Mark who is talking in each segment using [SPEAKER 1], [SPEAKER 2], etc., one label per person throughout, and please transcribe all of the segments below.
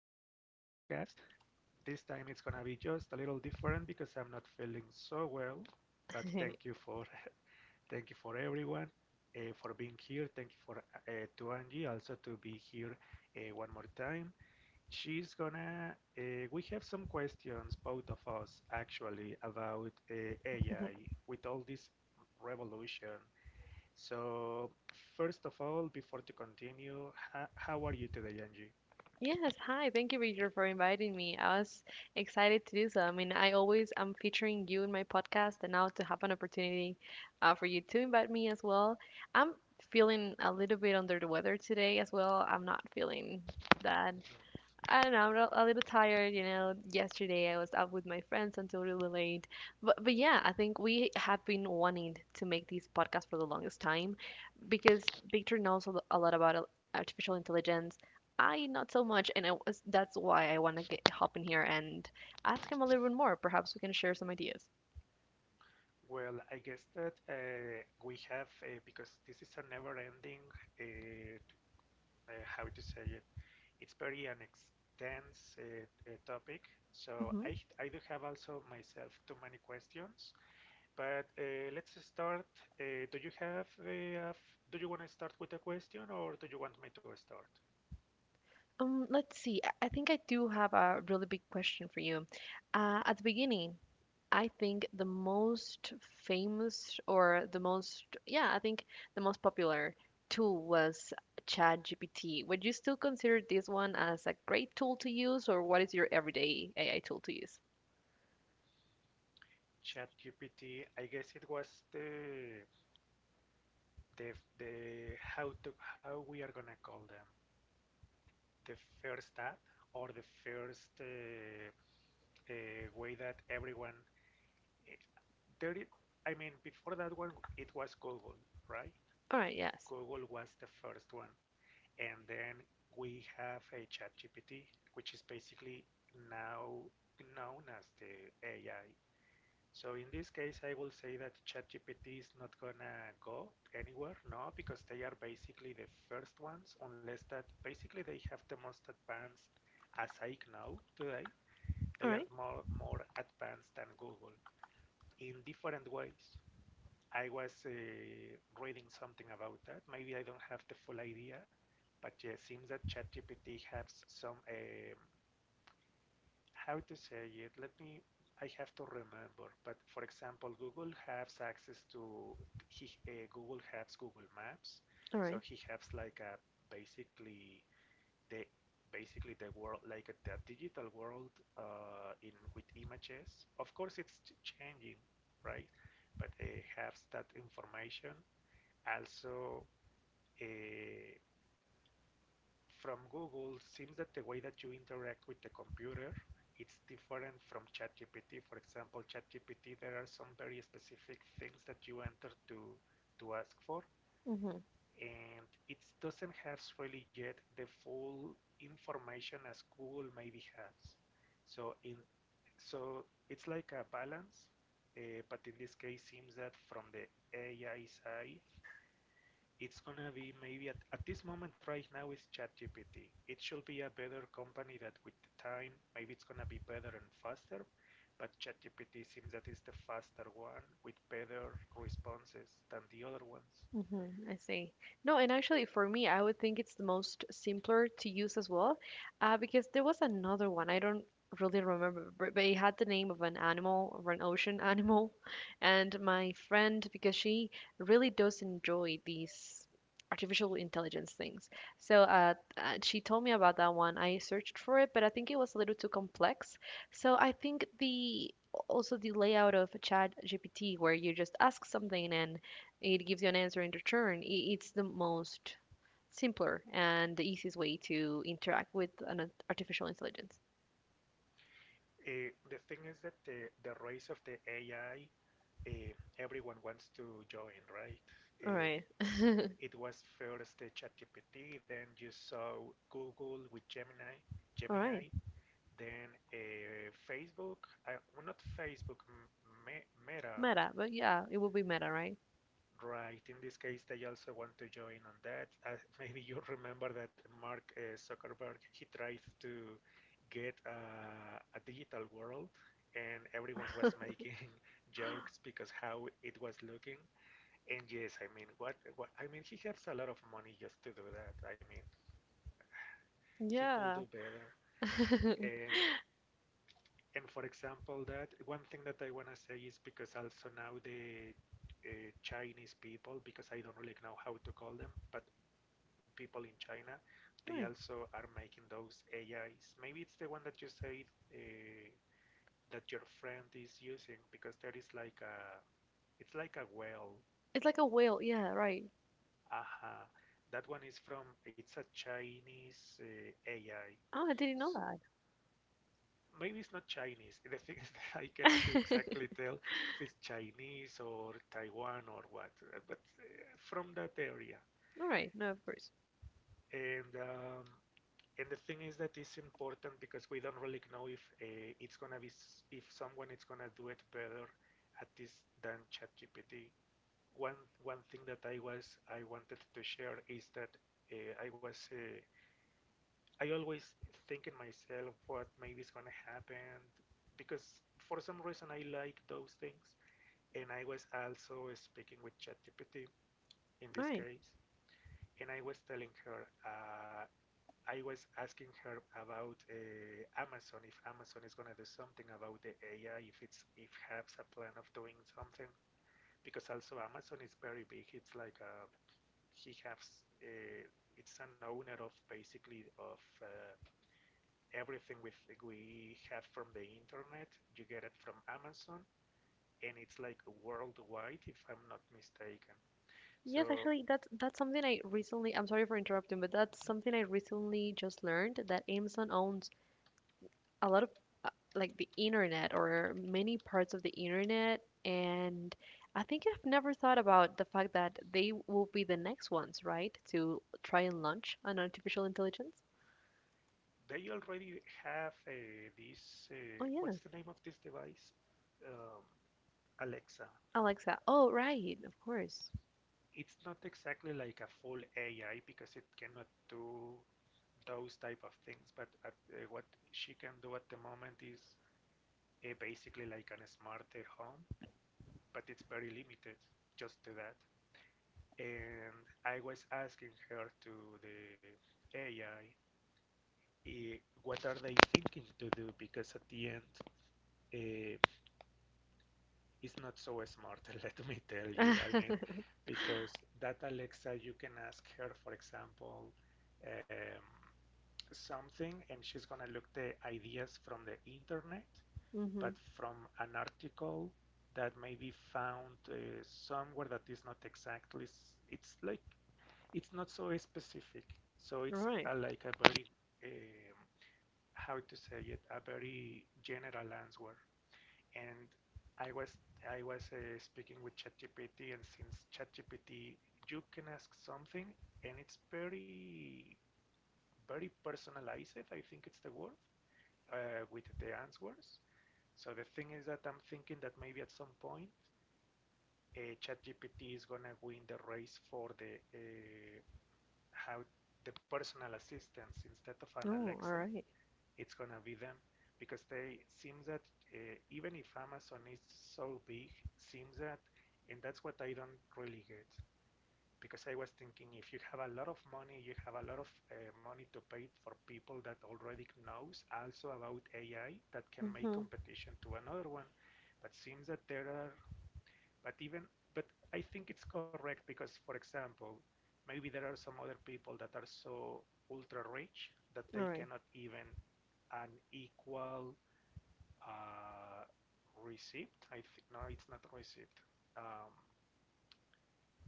[SPEAKER 1] podcast. This time it's gonna be just a little different because I'm not feeling so well. But thank you for thank you for everyone for being here. Thank you for to Angie also to be here one more time. She's gonna. We have some questions, both of us actually, about AI with all this revolution. So first of all, before to continue, how are you today, Angie?
[SPEAKER 2] Yes, hi. Thank you, Richard, for inviting me. I was excited to do so. I mean, I always am featuring you in my podcast, and now to have an opportunity for you to invite me as well. I'm feeling a little bit under the weather today as well. I'm not feeling that. I don't know. I'm a little tired. You know, yesterday I was out with my friends until really late. But yeah, I think we have been wanting to make this podcast for the longest time, because Victor knows a lot about artificial intelligence. I not so much, and I was, that's why I want to get hop in here and ask him a little bit more. Perhaps we can share some ideas.
[SPEAKER 1] Well, I guess that we have, because this is a never-ending, uh, t- how to say it, it's very an extensive topic. So
[SPEAKER 2] hmm
[SPEAKER 1] I do have also myself too many questions, but let's start. Do you have, do you want to start with a question or do you want me to start?
[SPEAKER 2] Let's see. I think I do have a really big question for you. At the beginning, I think the most famous or the most, yeah, I think the most popular tool was ChatGPT. Would you still consider this one as a great tool to use, or what is your everyday AI tool to use?
[SPEAKER 1] ChatGPT, I guess it was the, the, the how to, how we are gonna call them. The first app or the first uh, way that everyone. eh, There, I mean, before that one, it was Google, right?
[SPEAKER 2] All right. Yes.
[SPEAKER 1] Google was the first one, and then we have a ChatGPT, which is basically now known as the AI. So in this case, I will say that ChatGPT is not gonna go anywhere, no, because they are basically the first ones, unless that basically they have the most advanced, as I know today,
[SPEAKER 2] All
[SPEAKER 1] they are
[SPEAKER 2] right.
[SPEAKER 1] more advanced than Google in different ways. I was reading something about that. Maybe I don't have the full idea, but yeah, it seems that ChatGPT has some how to say it, let me, I have to remember, but for example, Google has access to he Google has Google Maps,
[SPEAKER 2] All
[SPEAKER 1] so
[SPEAKER 2] right.
[SPEAKER 1] he has like a basically the basically the world like a, the digital world in with images, of course it's changing, right? But it has that information also uh, from Google. Seems that the way that you interact with the computer, it's different from ChatGPT. For example, ChatGPT, there are some very specific things that you enter to ask for,
[SPEAKER 2] Mm-hmm.
[SPEAKER 1] and it doesn't have really yet the full information as Google maybe has. So in so it's like a balance, but in this case, seems that from the AI side, it's gonna be maybe at this moment right now is ChatGPT. It should be a better company that with the time maybe it's gonna be better and faster, but ChatGPT seems that is the faster one with better responses than the other ones.
[SPEAKER 2] Mm-hmm, I see. No, and actually for me, I would think it's the most simpler to use as well, because there was another one. I don't really remember, but it had the name of an animal or an ocean animal. And my friend, because she really does enjoy these artificial intelligence things, so she told me about that one. I searched for it, but I think it was a little too complex. So I think the also the layout of Chat GPT where you just ask something and it gives you an answer in return. It's the most simpler and the easiest way to interact with an artificial intelligence.
[SPEAKER 1] The thing is that the race of the AI, everyone wants to join, right?
[SPEAKER 2] All
[SPEAKER 1] Uh,
[SPEAKER 2] right.
[SPEAKER 1] it was first the ChatGPT, then you saw Google with Gemini,
[SPEAKER 2] All right.
[SPEAKER 1] Gemini, then Facebook, well, not Facebook, Meta,
[SPEAKER 2] Meta. But yeah, it will be meta, right?
[SPEAKER 1] right? In this case, they also want to join on that. Maybe you remember that Mark Zuckerberg, he tried to get a digital world, and everyone was making jokes because how it was looking. And yes, I mean, what, what? I mean, he has a lot of money just to do that. I mean, he could do
[SPEAKER 2] Yeah.
[SPEAKER 1] better. And and for example, that one thing that I want to say is because also now the Chinese people, because I don't really know how to call them, but people in China, they
[SPEAKER 2] Right.
[SPEAKER 1] also are making those AIs. Maybe it's the one that you said, that your friend is using, because there is like a it's like a well,
[SPEAKER 2] It's like a whale. Yeah, right.
[SPEAKER 1] aha, that one is from, it's a Chinese AI,
[SPEAKER 2] Oh, I didn't know
[SPEAKER 1] so maybe it's not Chinese. The thing is that I cannot
[SPEAKER 2] that.
[SPEAKER 1] exactly tell if it's Chinese or Taiwan or what, but from that area.
[SPEAKER 2] All right. No, of course.
[SPEAKER 1] And um, and the thing is that it's important because we don't really know if it's gonna be if someone is gonna do it better at this than ChatGPT. One thing that I wanted to share is that uh, I was uh, I always think in myself what maybe is gonna happen because for some reason I like those things. And I was also speaking with ChatGPT in
[SPEAKER 2] All
[SPEAKER 1] this
[SPEAKER 2] right.
[SPEAKER 1] case, and I was telling her, I was asking her about Amazon, if Amazon is gonna do something about the AI, if it's if has a plan of doing something, because also Amazon is very big. It's like a he has, it's an owner of basically of everything with we have from the internet, you get it from Amazon, and it's like worldwide if I'm not mistaken,
[SPEAKER 2] Yes,
[SPEAKER 1] so
[SPEAKER 2] actually, that's something I recently. I'm sorry for interrupting, but that's
[SPEAKER 1] mm-hmm,
[SPEAKER 2] something I recently just learned that Amazon owns a lot of uh, like the internet or many parts of the internet, and I think I've never thought about the fact that they will be the next ones, right, to try and launch an artificial intelligence.
[SPEAKER 1] they already have this
[SPEAKER 2] Oh yeah,
[SPEAKER 1] what's the name of this device, um, Alexa.
[SPEAKER 2] Alexa. Oh right, of course.
[SPEAKER 1] It's not exactly like a full AI because it cannot do those type of things, but at, what she can do at the moment is basically like an smart home, but it's very limited just to that. And I was asking her to the AI, eh, what are they thinking to do, because at the end uh, it's not so smart, let me tell you, I mean, because that Alexa, you can ask her for example, um, something and she's gonna look the ideas from the internet, but
[SPEAKER 2] Mm-hmm.
[SPEAKER 1] from an article that may be found somewhere that is not exactly, it's like it's not so specific. So
[SPEAKER 2] All
[SPEAKER 1] it's
[SPEAKER 2] right.
[SPEAKER 1] like a very, um, how to say it, a very general answer. And I was I was speaking with ChatGPT, and since ChatGPT, you can ask something, and it's very very personalized. I think it's the word with the answers. So the thing is that I'm thinking that maybe at some point, ChatGPT is gonna win the race for the how the personal assistants instead of an
[SPEAKER 2] Oh,
[SPEAKER 1] Alexa,
[SPEAKER 2] all right.
[SPEAKER 1] it's gonna be them because they seems that even if Amazon is so big, seems that, and that's what I don't really get, because I was thinking if you have a lot of money, you have a lot of money to pay for people that already knows also about AI that can make
[SPEAKER 2] Mm-hmm.
[SPEAKER 1] competition to another one. But seems that there are but even but I think it's correct because, for example, maybe there are some other people that are so ultra rich that
[SPEAKER 2] All
[SPEAKER 1] they
[SPEAKER 2] right.
[SPEAKER 1] cannot even an equal uh, receipt. I think no, it's not a receipt. Um,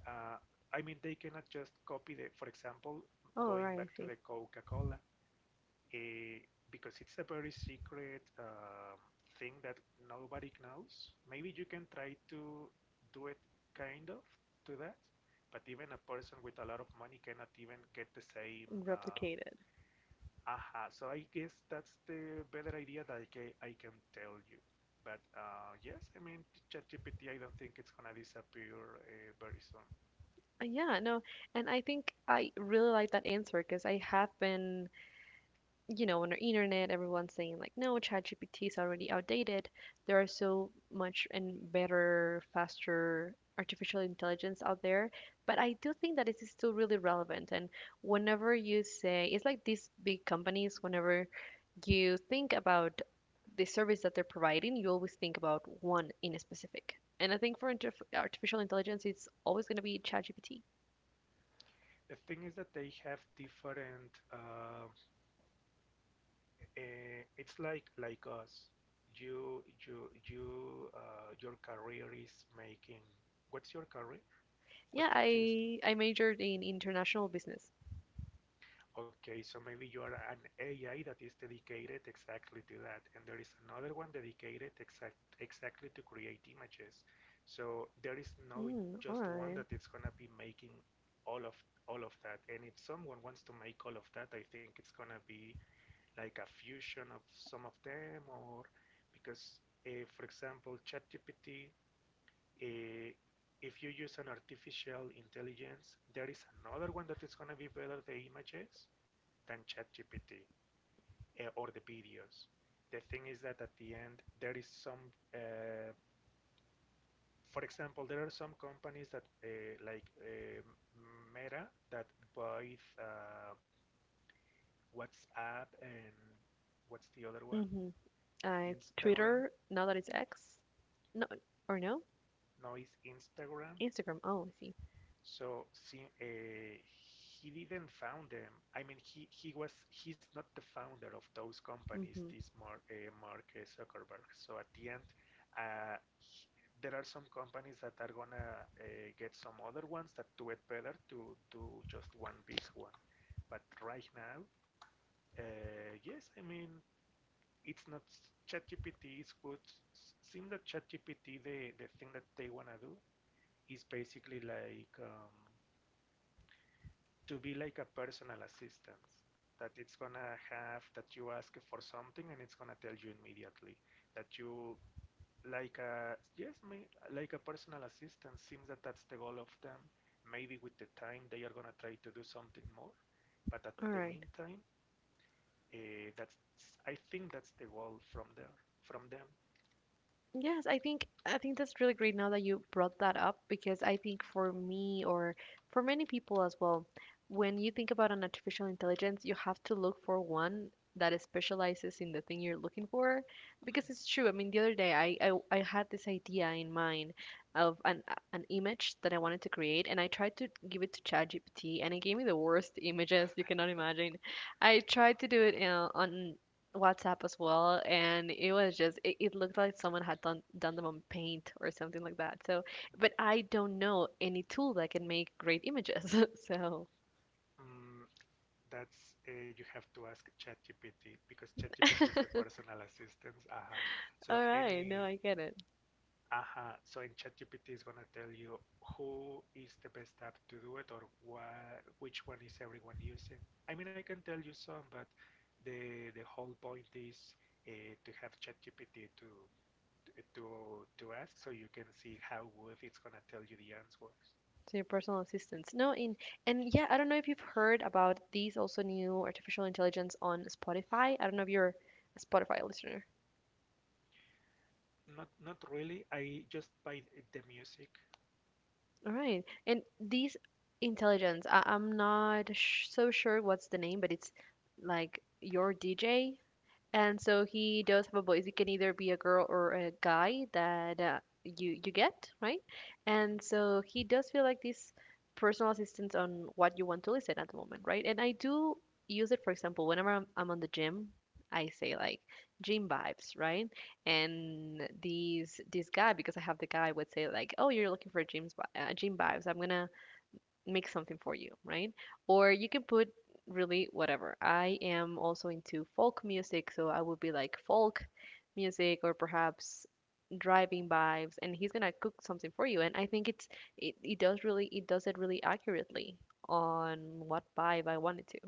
[SPEAKER 1] uh, I mean, they cannot just copy the. For example,
[SPEAKER 2] Oh, all
[SPEAKER 1] going
[SPEAKER 2] right. I
[SPEAKER 1] back to
[SPEAKER 2] see.
[SPEAKER 1] the Coca-Cola, eh, because it's a very secret thing that nobody knows. Maybe you can try to do it kind of to that, but even a person with a lot of money cannot even get the same.
[SPEAKER 2] Replicated.
[SPEAKER 1] Aha. So I guess that's the better idea that I can tell you. But yes, I mean, ChatGPT, I don't think it's gonna disappear very soon.
[SPEAKER 2] Yeah, no, and I think I really like that answer because I have been, you know, on the internet, everyone's saying like, no, ChatGPT is already outdated. There are so much and better, faster artificial intelligence out there. But I do think that it is still really relevant. And whenever you say, it's like these big companies, whenever you think about the service that they're providing, you always think about one in a specific. And I think for interf artificial intelligence, it's always going to be ChatGPT.
[SPEAKER 1] The thing is that they have different it's like us. Your career is making. What's your career? What
[SPEAKER 2] Yeah,
[SPEAKER 1] did you study?
[SPEAKER 2] I majored in international business.
[SPEAKER 1] Okay, so maybe you are an AI that is dedicated exactly to that, and there is another one dedicated exactly to create images. So there is no
[SPEAKER 2] Mm, all
[SPEAKER 1] just one
[SPEAKER 2] right.
[SPEAKER 1] that it's gonna be making all of all of that. And if someone wants to make all of that, I think it's gonna be like a fusion of some of them, or because, for example, ChatGPT, uh, if you use an artificial intelligence, there is another one that is going to be better the images than ChatGPT or the videos. The thing is that at the end, there is some, for example, there are some companies that like Meta that buys WhatsApp and what's the other one?
[SPEAKER 2] Mm-hmm.
[SPEAKER 1] Instagram,
[SPEAKER 2] Twitter now that it's X. No, or no?
[SPEAKER 1] no, it's Instagram.
[SPEAKER 2] Instagram. Oh, I see.
[SPEAKER 1] So see, he didn't found them. I mean, he's not the founder of those companies.
[SPEAKER 2] Mm-hmm.
[SPEAKER 1] This Mark Zuckerberg. So at the end, uh, he- there are some companies that are gonna get some other ones that do it better to do just one big one. But right now, yes, I mean it's not ChatGPT is good. Seems that ChatGPT the thing that they wanna do is basically like to be like a personal assistant that it's gonna have that you ask for something and it's gonna tell you immediately that you like a yes may, like a personal assistant, seems that that's the goal of them, maybe with the time they are gonna try to do something more, but at
[SPEAKER 2] All
[SPEAKER 1] the
[SPEAKER 2] right.
[SPEAKER 1] meantime that's I think that's the goal from there from them.
[SPEAKER 2] Yes, I think that's really great now that you brought that up because I think for me or for many people as well, when you think about an artificial intelligence, you have to look for one that is specializes in the thing you're looking for because it's true. I mean, the other day I had this idea in mind of an image that I wanted to create, and I tried to give it to ChatGPT and it gave me the worst images you cannot imagine. I tried to do it on WhatsApp as well, and it was just it looked like someone had done them on paint or something like that. So, but I don't know any tool that can make great images. So,
[SPEAKER 1] Mm, that's you have to ask ChatGPT because ChatGPT is a
[SPEAKER 2] all
[SPEAKER 1] personal assistant. Aha. So
[SPEAKER 2] right, no,
[SPEAKER 1] any
[SPEAKER 2] I get it.
[SPEAKER 1] aha. So in ChatGPT is gonna tell you who is the best app to do it or what, which one is everyone using. I mean, I can tell you some, but the whole point is to have ChatGPT to to ask so you can see how good it's gonna tell you the answers.
[SPEAKER 2] So your personal assistants. No, in and yeah, I don't know if you've heard about these also new artificial intelligence on Spotify. I don't know if you're a Spotify listener.
[SPEAKER 1] Not really. I just by the music.
[SPEAKER 2] All right, and these intelligence, I'm not so sure what's the name, but it's like your DJ. And so he does have a voice. He can either be a girl or a guy that you get, right? And
[SPEAKER 1] Hmm.
[SPEAKER 2] so he does feel like this personal assistance on what you want to listen at the moment, right? And I do use it, for example, whenever I'm on the gym, I say like gym vibes, right? And these this guy, because I have the guy would say like, oh, you're looking for gym vibes. I'm gonna make something for you, right? Or you can put really whatever. I am also into folk music, so I would be like folk music or perhaps driving vibes, and he's gonna cook something for you, and I think it does really it really accurately on what vibe I wanted to.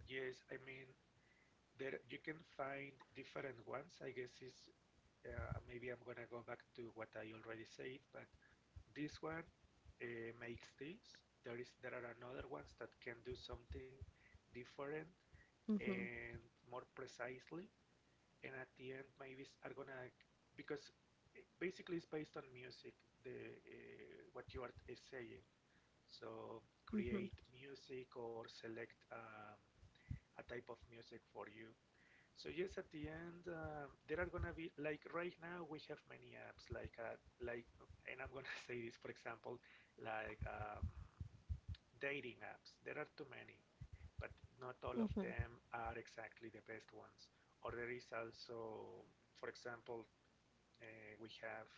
[SPEAKER 1] Yes, I mean, there you can find different ones. I guess is maybe I'm gonna go back to what I already said, but this one makes this. There are another ones that can do something different
[SPEAKER 2] Mm-hmm,
[SPEAKER 1] and more precisely. And at the end, maybe are gonna, because basically it's based on music. The what you are saying. So
[SPEAKER 2] mm-hmm,
[SPEAKER 1] create music or select a type of music for you. So yes, at the end, there are gonna be, like, right now we have many apps like like, and I'm gonna say this, for example, like dating apps. There are too many, but not all of
[SPEAKER 2] mm-hmm.
[SPEAKER 1] them are exactly the best ones. Or there is also, for example, uh, we have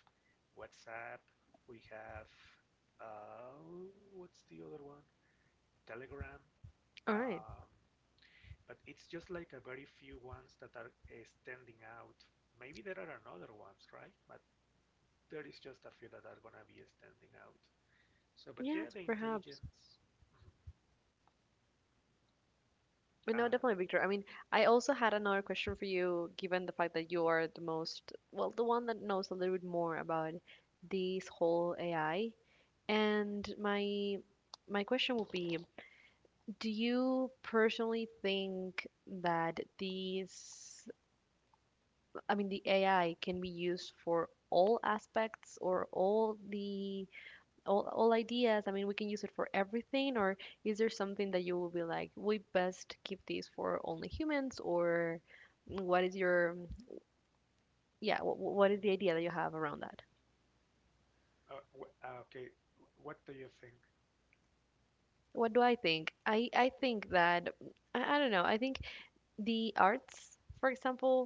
[SPEAKER 1] WhatsApp, we have uh, what's the other one? Telegram.
[SPEAKER 2] All right.
[SPEAKER 1] Um, but it's just like a very few ones that are standing out. Maybe there are another ones, right? But there is just a few that are gonna be standing out. So, but yeah,
[SPEAKER 2] Yes,
[SPEAKER 1] the
[SPEAKER 2] perhaps.
[SPEAKER 1] intelligence, mhm,
[SPEAKER 2] But no,
[SPEAKER 1] are,
[SPEAKER 2] definitely, Victor. I mean, I also had another question for you, given the fact that you are the most, well, the one that knows a little bit more about this whole AI. And my question would be, do you personally think that these, I mean, the AI can be used for all aspects or all the all ideas. I mean, we can use it for everything, or is there something that you will be like we best keep these for only humans, or what is your, yeah, what is the
[SPEAKER 1] mm,
[SPEAKER 2] idea that you have around that?
[SPEAKER 1] uh, okay. What do you think?
[SPEAKER 2] What do I think? I think that I don't know, I think the arts, for example,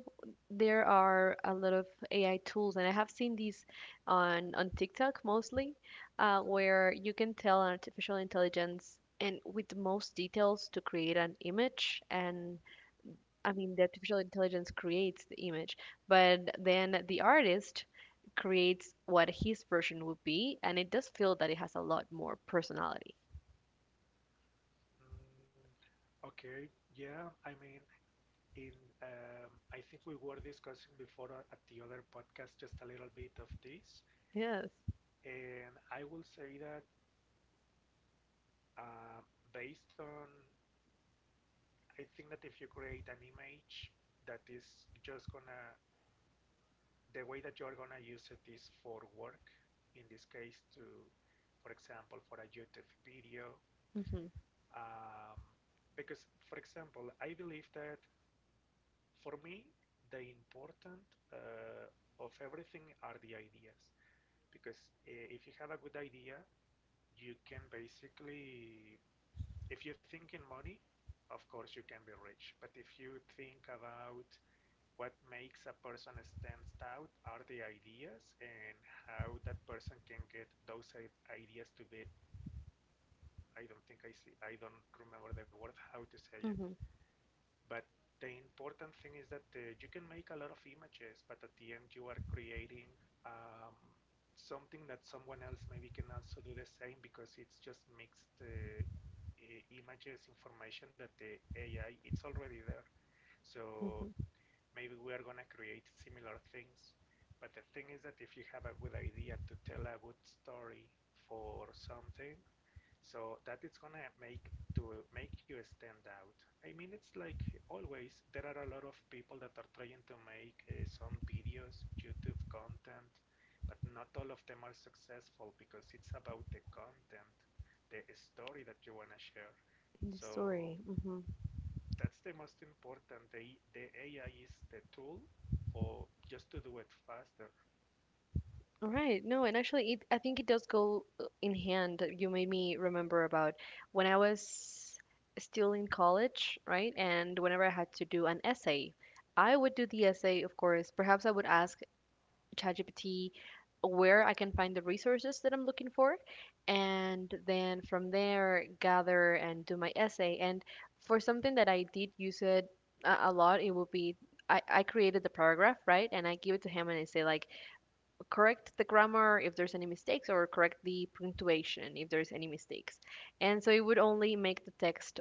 [SPEAKER 2] there are a lot of ai tools and I have seen these on tiktok mostly,
[SPEAKER 1] Mhm.
[SPEAKER 2] where you can tell an artificial intelligence and with the most details to create an image, and I mean, the artificial intelligence creates the image, but then the artist creates what his version would be, and it does feel that it has a lot more personality.
[SPEAKER 1] Mm, okay, yeah. I mean, in, I think we were discussing before at the other podcast just a little bit of this,
[SPEAKER 2] Yes.
[SPEAKER 1] and I will say that uh, based on, I think that if you create an image that is just gonna, the way that you're gonna use it is for work, in this case to, for example, for a YouTube video,
[SPEAKER 2] Mm-hmm.
[SPEAKER 1] um, because, for example, I believe that for me, the important of everything are the ideas, because if you have a good idea, you can basically, if you think in money, of course you can be rich, but if you think about what makes a person stands out are the ideas, and how that person can get those ideas to be, I don't think, I see, I don't remember the word how to say it,
[SPEAKER 2] Mm-hmm.
[SPEAKER 1] but the important thing is that you can make a lot of images, but at the end you are creating um, something that someone else maybe can also do the same, because it's just mixed images information that the AI it's already there. So
[SPEAKER 2] Mm-hmm.
[SPEAKER 1] maybe we are going to create similar things. But the thing is that if you have a good idea to tell a good story for something, so that is going to make you stand out. I mean, it's like always, there are a lot of people that are trying to make some videos, YouTube content, but not all of them are successful because it's about the content, the story that you want to share.
[SPEAKER 2] In the
[SPEAKER 1] So
[SPEAKER 2] story. Mm-hmm.
[SPEAKER 1] that's the most important. The AI is the tool for just to do it faster.
[SPEAKER 2] All right. No, and actually, it, I think it does go in hand. You made me remember about when I was still in college, right? And whenever I had to do an essay, I would do the essay, of course. Perhaps I would ask ChatGPT where I can find the resources that I'm looking for,
[SPEAKER 1] Mm-hmm.
[SPEAKER 2] and then from there gather and do my essay. And for something that I did use it a lot, it would be I created the paragraph, right? And I give it to him and I say like correct the grammar if there's any mistakes, or correct the punctuation if there's any mistakes. And so it would
[SPEAKER 1] Mm-hmm.
[SPEAKER 2] only make the text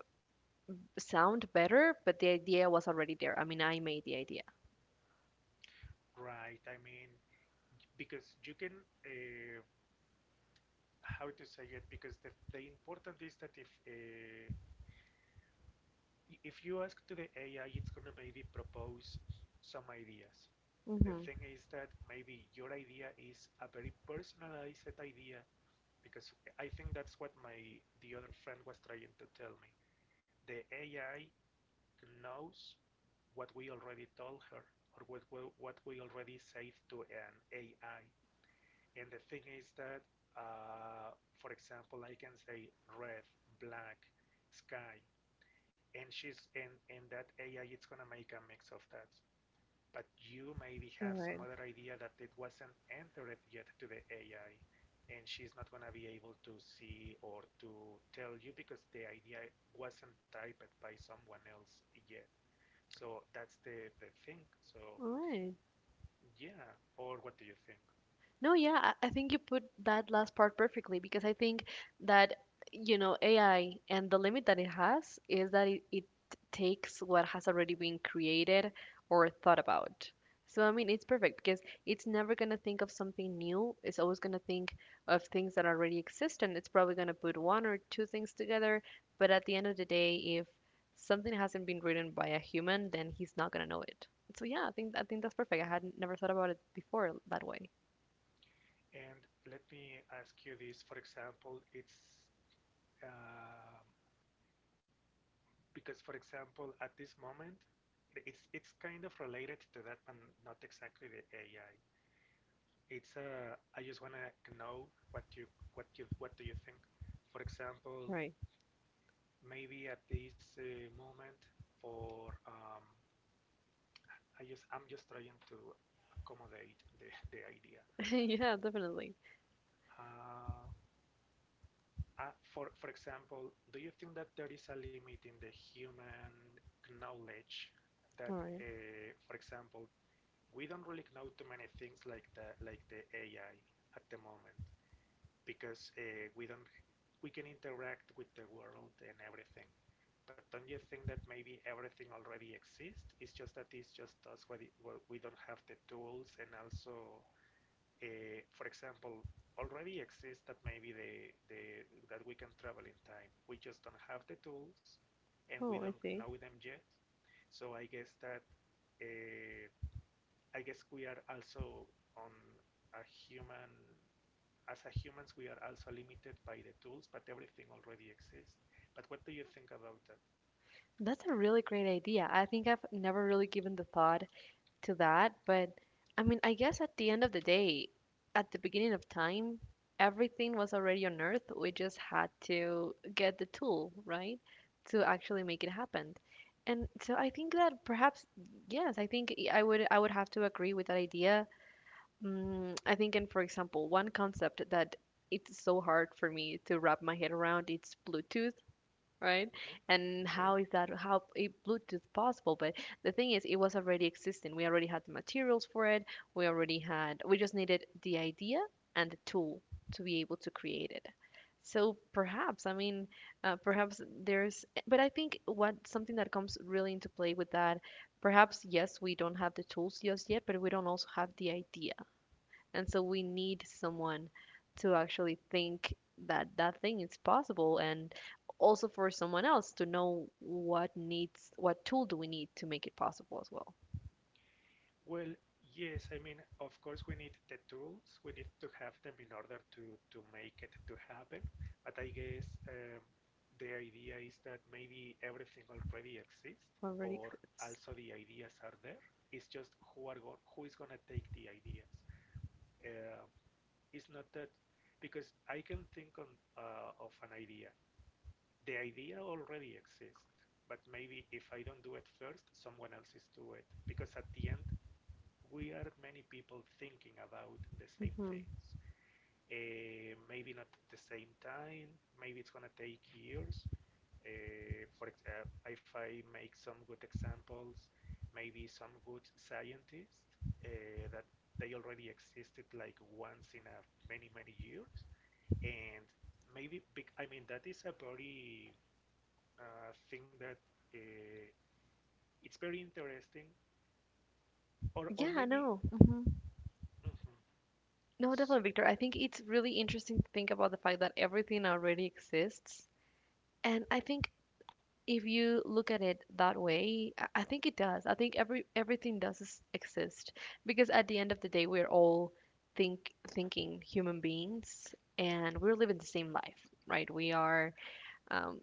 [SPEAKER 2] sound better, but the idea was already there. I mean, I made the idea.
[SPEAKER 1] Right, I mean, because you can, uh, how to say it, because the important is that if you ask to the AI, it's gonna maybe propose some ideas. The
[SPEAKER 2] Mm-hmm.
[SPEAKER 1] thing is that maybe your idea is a very personalized idea, because I think that's what my the other friend was trying to tell me. The AI knows what we already told her, or what we already said to an AI. And the thing is that, for example, I can say red, black, sky, and she's, and that AI it's gonna make a mix of that. But you maybe
[SPEAKER 2] All
[SPEAKER 1] have some
[SPEAKER 2] right.
[SPEAKER 1] other idea that it wasn't entered yet to the AI, and she's not gonna be able to see or to tell you because the idea wasn't typed by someone else yet. So that's the thing. So
[SPEAKER 2] All right.
[SPEAKER 1] yeah, or what do you think?
[SPEAKER 2] No, yeah, I think you put that last part perfectly because I think that, you know, AI and the limit that it has is that it takes what has already been created or thought about. So, I mean, it's perfect because it's never going to think of something new. It's always going to think of things that already exist, and it's probably going to put one or two things together. But at the end of the day, if something hasn't been written by a human, then he's not going to know it. So, yeah, I think that's perfect. I had never thought about it before that way.
[SPEAKER 1] And let me ask you this, for example, it's uh, because, for example, at this moment, it's kind of related to that, but not exactly the AI. It's I just wanna know what you, what you, what do you think? For example,
[SPEAKER 2] Right.
[SPEAKER 1] maybe at this moment, for I just, I'm just trying to accommodate the idea.
[SPEAKER 2] Yeah, definitely.
[SPEAKER 1] Uh, for example, do you think that there is a limit in the human knowledge that,
[SPEAKER 2] All right.
[SPEAKER 1] for example, we don't really know too many things like the, like the AI at the moment, because we don't, we can interact with the world and everything. But don't you think that maybe everything already exists? It's just that, it's just us, where we don't have the tools, and also for example, already exists that maybe the, that we can travel in time. We just don't have the tools, and we
[SPEAKER 2] Oh, I
[SPEAKER 1] don't
[SPEAKER 2] see.
[SPEAKER 1] know them yet. So I guess that uh, I guess we are also on a human, as a humans we are also limited by the tools, but everything already exists. But what do you think about that?
[SPEAKER 2] That's a really great idea. I think I've never really given the thought to that, but I mean, I guess at the end of the day, at the beginning of time, everything was already on Earth. We just had to get the tool, right, to actually make it happen. And so I think that perhaps, yes, I think I would, I would have to agree with that idea. Mm, I think, and for example, one concept that it's so hard for me to wrap my head around, it's Bluetooth, right?
[SPEAKER 1] Mhm.
[SPEAKER 2] And
[SPEAKER 1] Okay.
[SPEAKER 2] how is that, how is Bluetooth possible? But the thing is, it was already existing. We already had the materials for it. We already had, we just needed the idea and the tool to be able to create it. So perhaps, I mean, perhaps there's, but I think what something that comes really into play with that, perhaps, yes, we don't have the tools just yet, but we don't also have the idea. And so we need someone to actually think that that thing is possible and also for someone else to know what tool do we need to make it possible as well
[SPEAKER 1] Well, yes, I mean, of course, we need the tools, we need to have them in order to make it to happen. But I guess the idea is that maybe everything already exists,
[SPEAKER 2] already
[SPEAKER 1] or
[SPEAKER 2] exists.
[SPEAKER 1] also the ideas are there. It's just who are who is gonna take the ideas. Uh, it's not that because I can think on of an idea. The idea already exists, but maybe if I don't do it first, someone else is do it. Because at the end, we are many people thinking about the same
[SPEAKER 2] Hmm.
[SPEAKER 1] things. Maybe not at the same time. Maybe it's gonna take years. For if I make some good examples, maybe some good scientists that they already existed like once in a, many many years, and maybe, I mean that is a very thing that uh, it's very interesting, or
[SPEAKER 2] Yeah,
[SPEAKER 1] maybe.
[SPEAKER 2] no hmm
[SPEAKER 1] Mhm,
[SPEAKER 2] no
[SPEAKER 1] s-
[SPEAKER 2] definitely, Victor, I think it's really interesting to think about the fact that everything already exists. And I think if you look at it that way, I think it does. I think everything does exist because at the end of the day, we're all thinking human beings, and we're living the same life, right? We are. Um,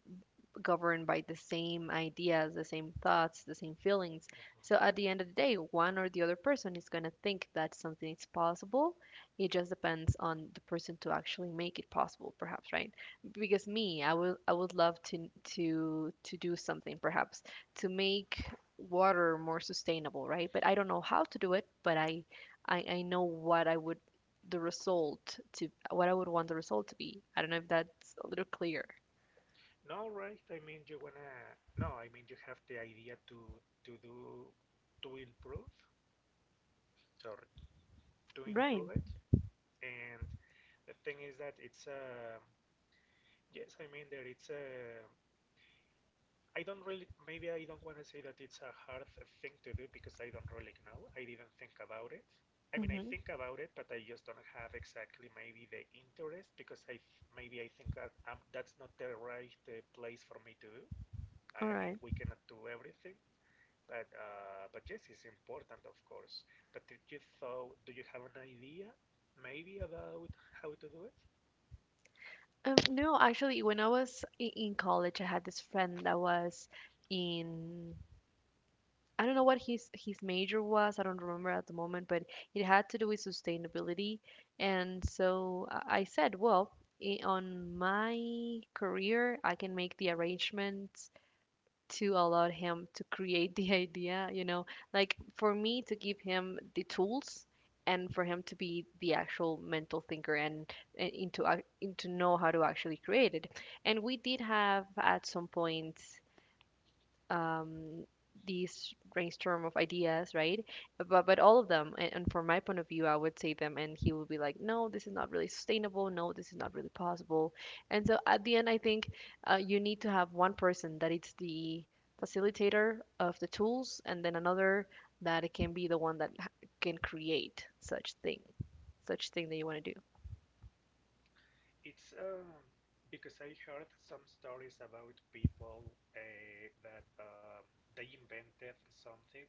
[SPEAKER 2] Governed by the same ideas, the same thoughts, the same feelings.
[SPEAKER 1] mhm.
[SPEAKER 2] So at the end of the day, one or the other person is going to think that something is possible. It just depends on the person to actually make it possible, perhaps, right? Because me, I would love to to do something, perhaps, to make water more sustainable, right? But I don't know how to do it, but I know what I would the result to what I would want the result to be. I don't know if that's a little clear.
[SPEAKER 1] No, right? I mean, you wanna, no, I mean, you have the idea to do, to improve. Sorry, to
[SPEAKER 2] Right.
[SPEAKER 1] improve it. And the thing is that it's a, yes, I mean that it's a, I don't really, maybe I don't wanna say that it's a hard thing to do because I don't really know. I didn't think about it. I mean, I
[SPEAKER 2] Hmm.
[SPEAKER 1] think about it, but I just don't have exactly maybe the interest, because I, maybe I think that that's not the right place for me to do. I
[SPEAKER 2] All
[SPEAKER 1] mean,
[SPEAKER 2] right.
[SPEAKER 1] we cannot do everything. But yes, it's important, of course. But did you thought? Do you have an idea, maybe about how to do it?
[SPEAKER 2] No, actually, when I was in college, I had this friend that was in, I don't know what his major was. I don't remember at the moment, but it had to do with sustainability. And so I said, well, I on my career, I can make the arrangements to allow him to create the idea, you know, like for me to give him the tools and for him to be the actual mental thinker and into know how to actually create it. And we did have at some point um, these brainstorm of ideas, right? But all of them, and from my point of view, I would say them, and he would be like, no, this is not really sustainable. No, this is not really possible. And so at the end, I think you need to have one person that it's the facilitator of the tools, and then another that it can be the one that can create such thing that you want to do.
[SPEAKER 1] It's because I heard some stories about people that they invented something,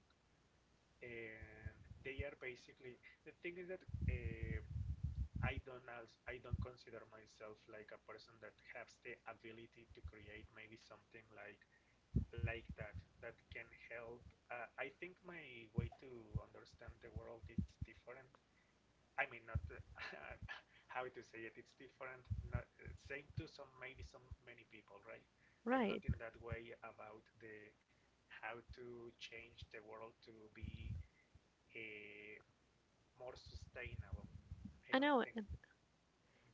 [SPEAKER 1] and they are basically, the thing is that, uh, I don't I don't consider myself like a person that has the ability to create maybe something like that, that can help. I think my way to understand the world is different. I mean, not how to say it. It's different. Not same to some, maybe some many people, right? But not
[SPEAKER 2] Right.
[SPEAKER 1] in that way about the how to change the world to be uh, more sustainable. I
[SPEAKER 2] I
[SPEAKER 1] don't
[SPEAKER 2] know.
[SPEAKER 1] think.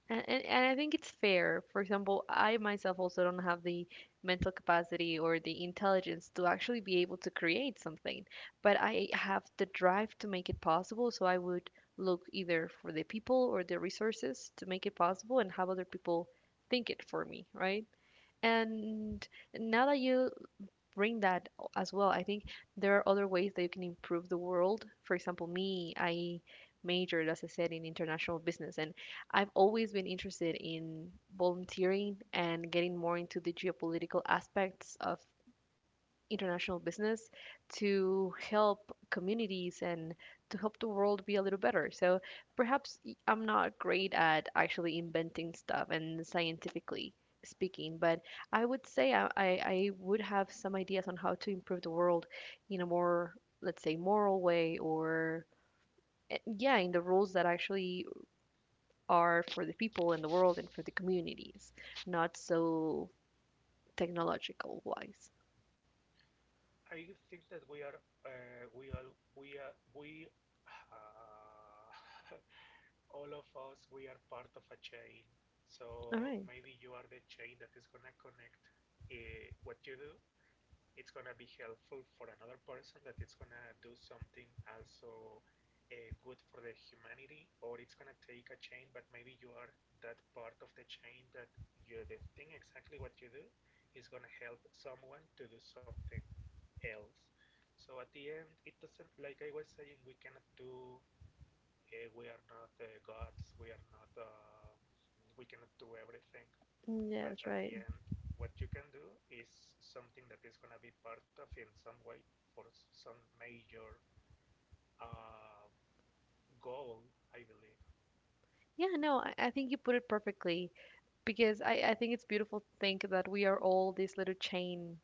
[SPEAKER 2] And I think it's fair. For example, I myself also don't have the mental capacity or the intelligence to actually be able to create something, but I have the drive to make it possible, so I would look either for the people or the resources to make it
[SPEAKER 1] Mhm.
[SPEAKER 2] possible and have other people think it for me, right? And now that you bring that as well. I think there are other ways that you can improve the world. For example, me, I majored, as I said, in international business, and I've always been interested in volunteering and getting more into the geopolitical aspects of international business to help communities and to help the world be a little better. So perhaps I'm not great at actually inventing stuff and scientifically speaking, but I would say I would have some ideas on how to improve the world in a more, let's say, moral way or yeah, in the rules that actually are for the people and the world and for the communities, not so technological wise.
[SPEAKER 1] I think that we are we all we are we. Uh, all of us, we are part of a chain.
[SPEAKER 2] All
[SPEAKER 1] So
[SPEAKER 2] right.
[SPEAKER 1] maybe you are the chain that is gonna connect what you do. It's gonna be helpful for another person that it's gonna do something also good for the humanity, or it's gonna take a chain. But maybe you are that part of the chain that you are the thing, exactly what you do is gonna help someone to do something else. So at the end, it doesn't, like I was saying, we cannot do, we are not gods. We are not. We cannot do everything.
[SPEAKER 2] Mm, yeah,
[SPEAKER 1] But
[SPEAKER 2] that's
[SPEAKER 1] at
[SPEAKER 2] right.
[SPEAKER 1] the end, what you can do is something that is gonna be part of, in some way, for some major uh, goal. I believe
[SPEAKER 2] Yeah, no, I think you put it perfectly because I think it's beautiful to think that we are all this little chain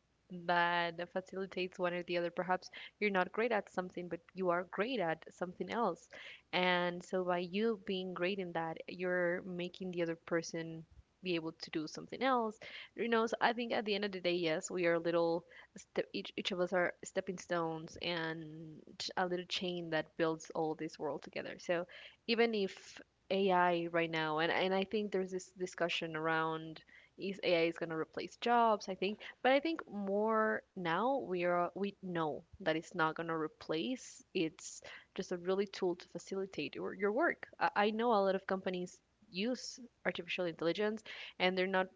[SPEAKER 2] that facilitates one or the other. Perhaps you're not great at something, but you are great at something else. And so by you being great in that, you're making the other person be able to do something else. You know, so I think at the end of the day, yes, we are little step, each of us are stepping stones and a little chain that builds all this world together. So even if AI right now, and I think there's this discussion around is AI is going to replace jobs, I think, but I think more now we know that it's not going to replace. It's just a really tool to facilitate your work. I know a lot of companies use artificial intelligence, and they're not.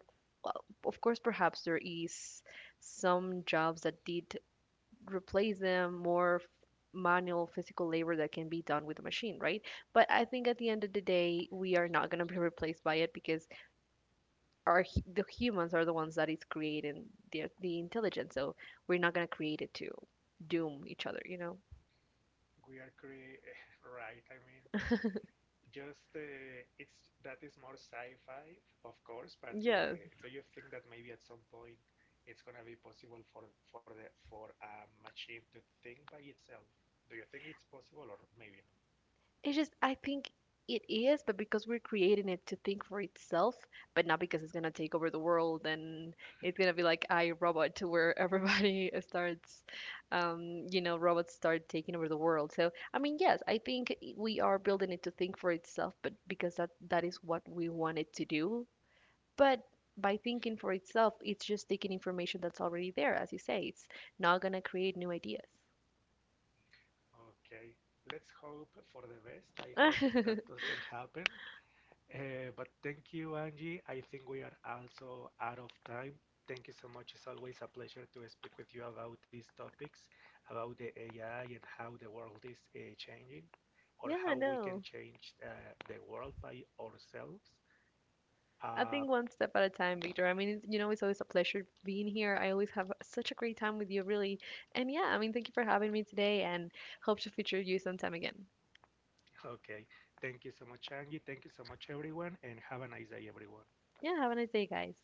[SPEAKER 2] Well, of course, perhaps there is some jobs that did replace them, more manual physical labor that can be done with a machine, right? But I think at the end of the day we are not going to be replaced by it because our the humans are the ones that is creating the intelligence. So we're not going to create it to doom each other, you know?
[SPEAKER 1] we are cre- right. I mean, just it's, that is more sci-fi, of course. But
[SPEAKER 2] Yes.
[SPEAKER 1] do you think that maybe at some point it's gonna be possible for the, for a machine to think by itself. Do you think it's possible, or maybe,
[SPEAKER 2] It's just I think it is, but because we're creating it to think for itself, but not because it's gonna take over the world and it's gonna be like I Robot to where everybody starts, you know, robots start taking over the world. So I mean, yes, I think I- we are building it to think for itself, but because that is what we want it to do. But by thinking for itself, it's just taking information that's already there, as you say. It's not gonna create new ideas.
[SPEAKER 1] okay, let's hope for the best. I hope that doesn't happen. But thank you, Angie. I think we are also out of time. Thank you so much. It's always a pleasure to speak with you about these topics, about the AI and how the world is changing, or
[SPEAKER 2] Yeah,
[SPEAKER 1] how we can
[SPEAKER 2] no.
[SPEAKER 1] change the world by ourselves.
[SPEAKER 2] I
[SPEAKER 1] Uh,
[SPEAKER 2] think one step at a time, Victor. I mean, it's- you know, it's always a pleasure being here. I always have such a great time with you, really. And yeah, I mean, thank you for having me today and hope to feature you sometime again.
[SPEAKER 1] okay, thank you so much, Angie. Thank you so much, everyone, and have a nice day, everyone.
[SPEAKER 2] Yeah, have a nice day, guys.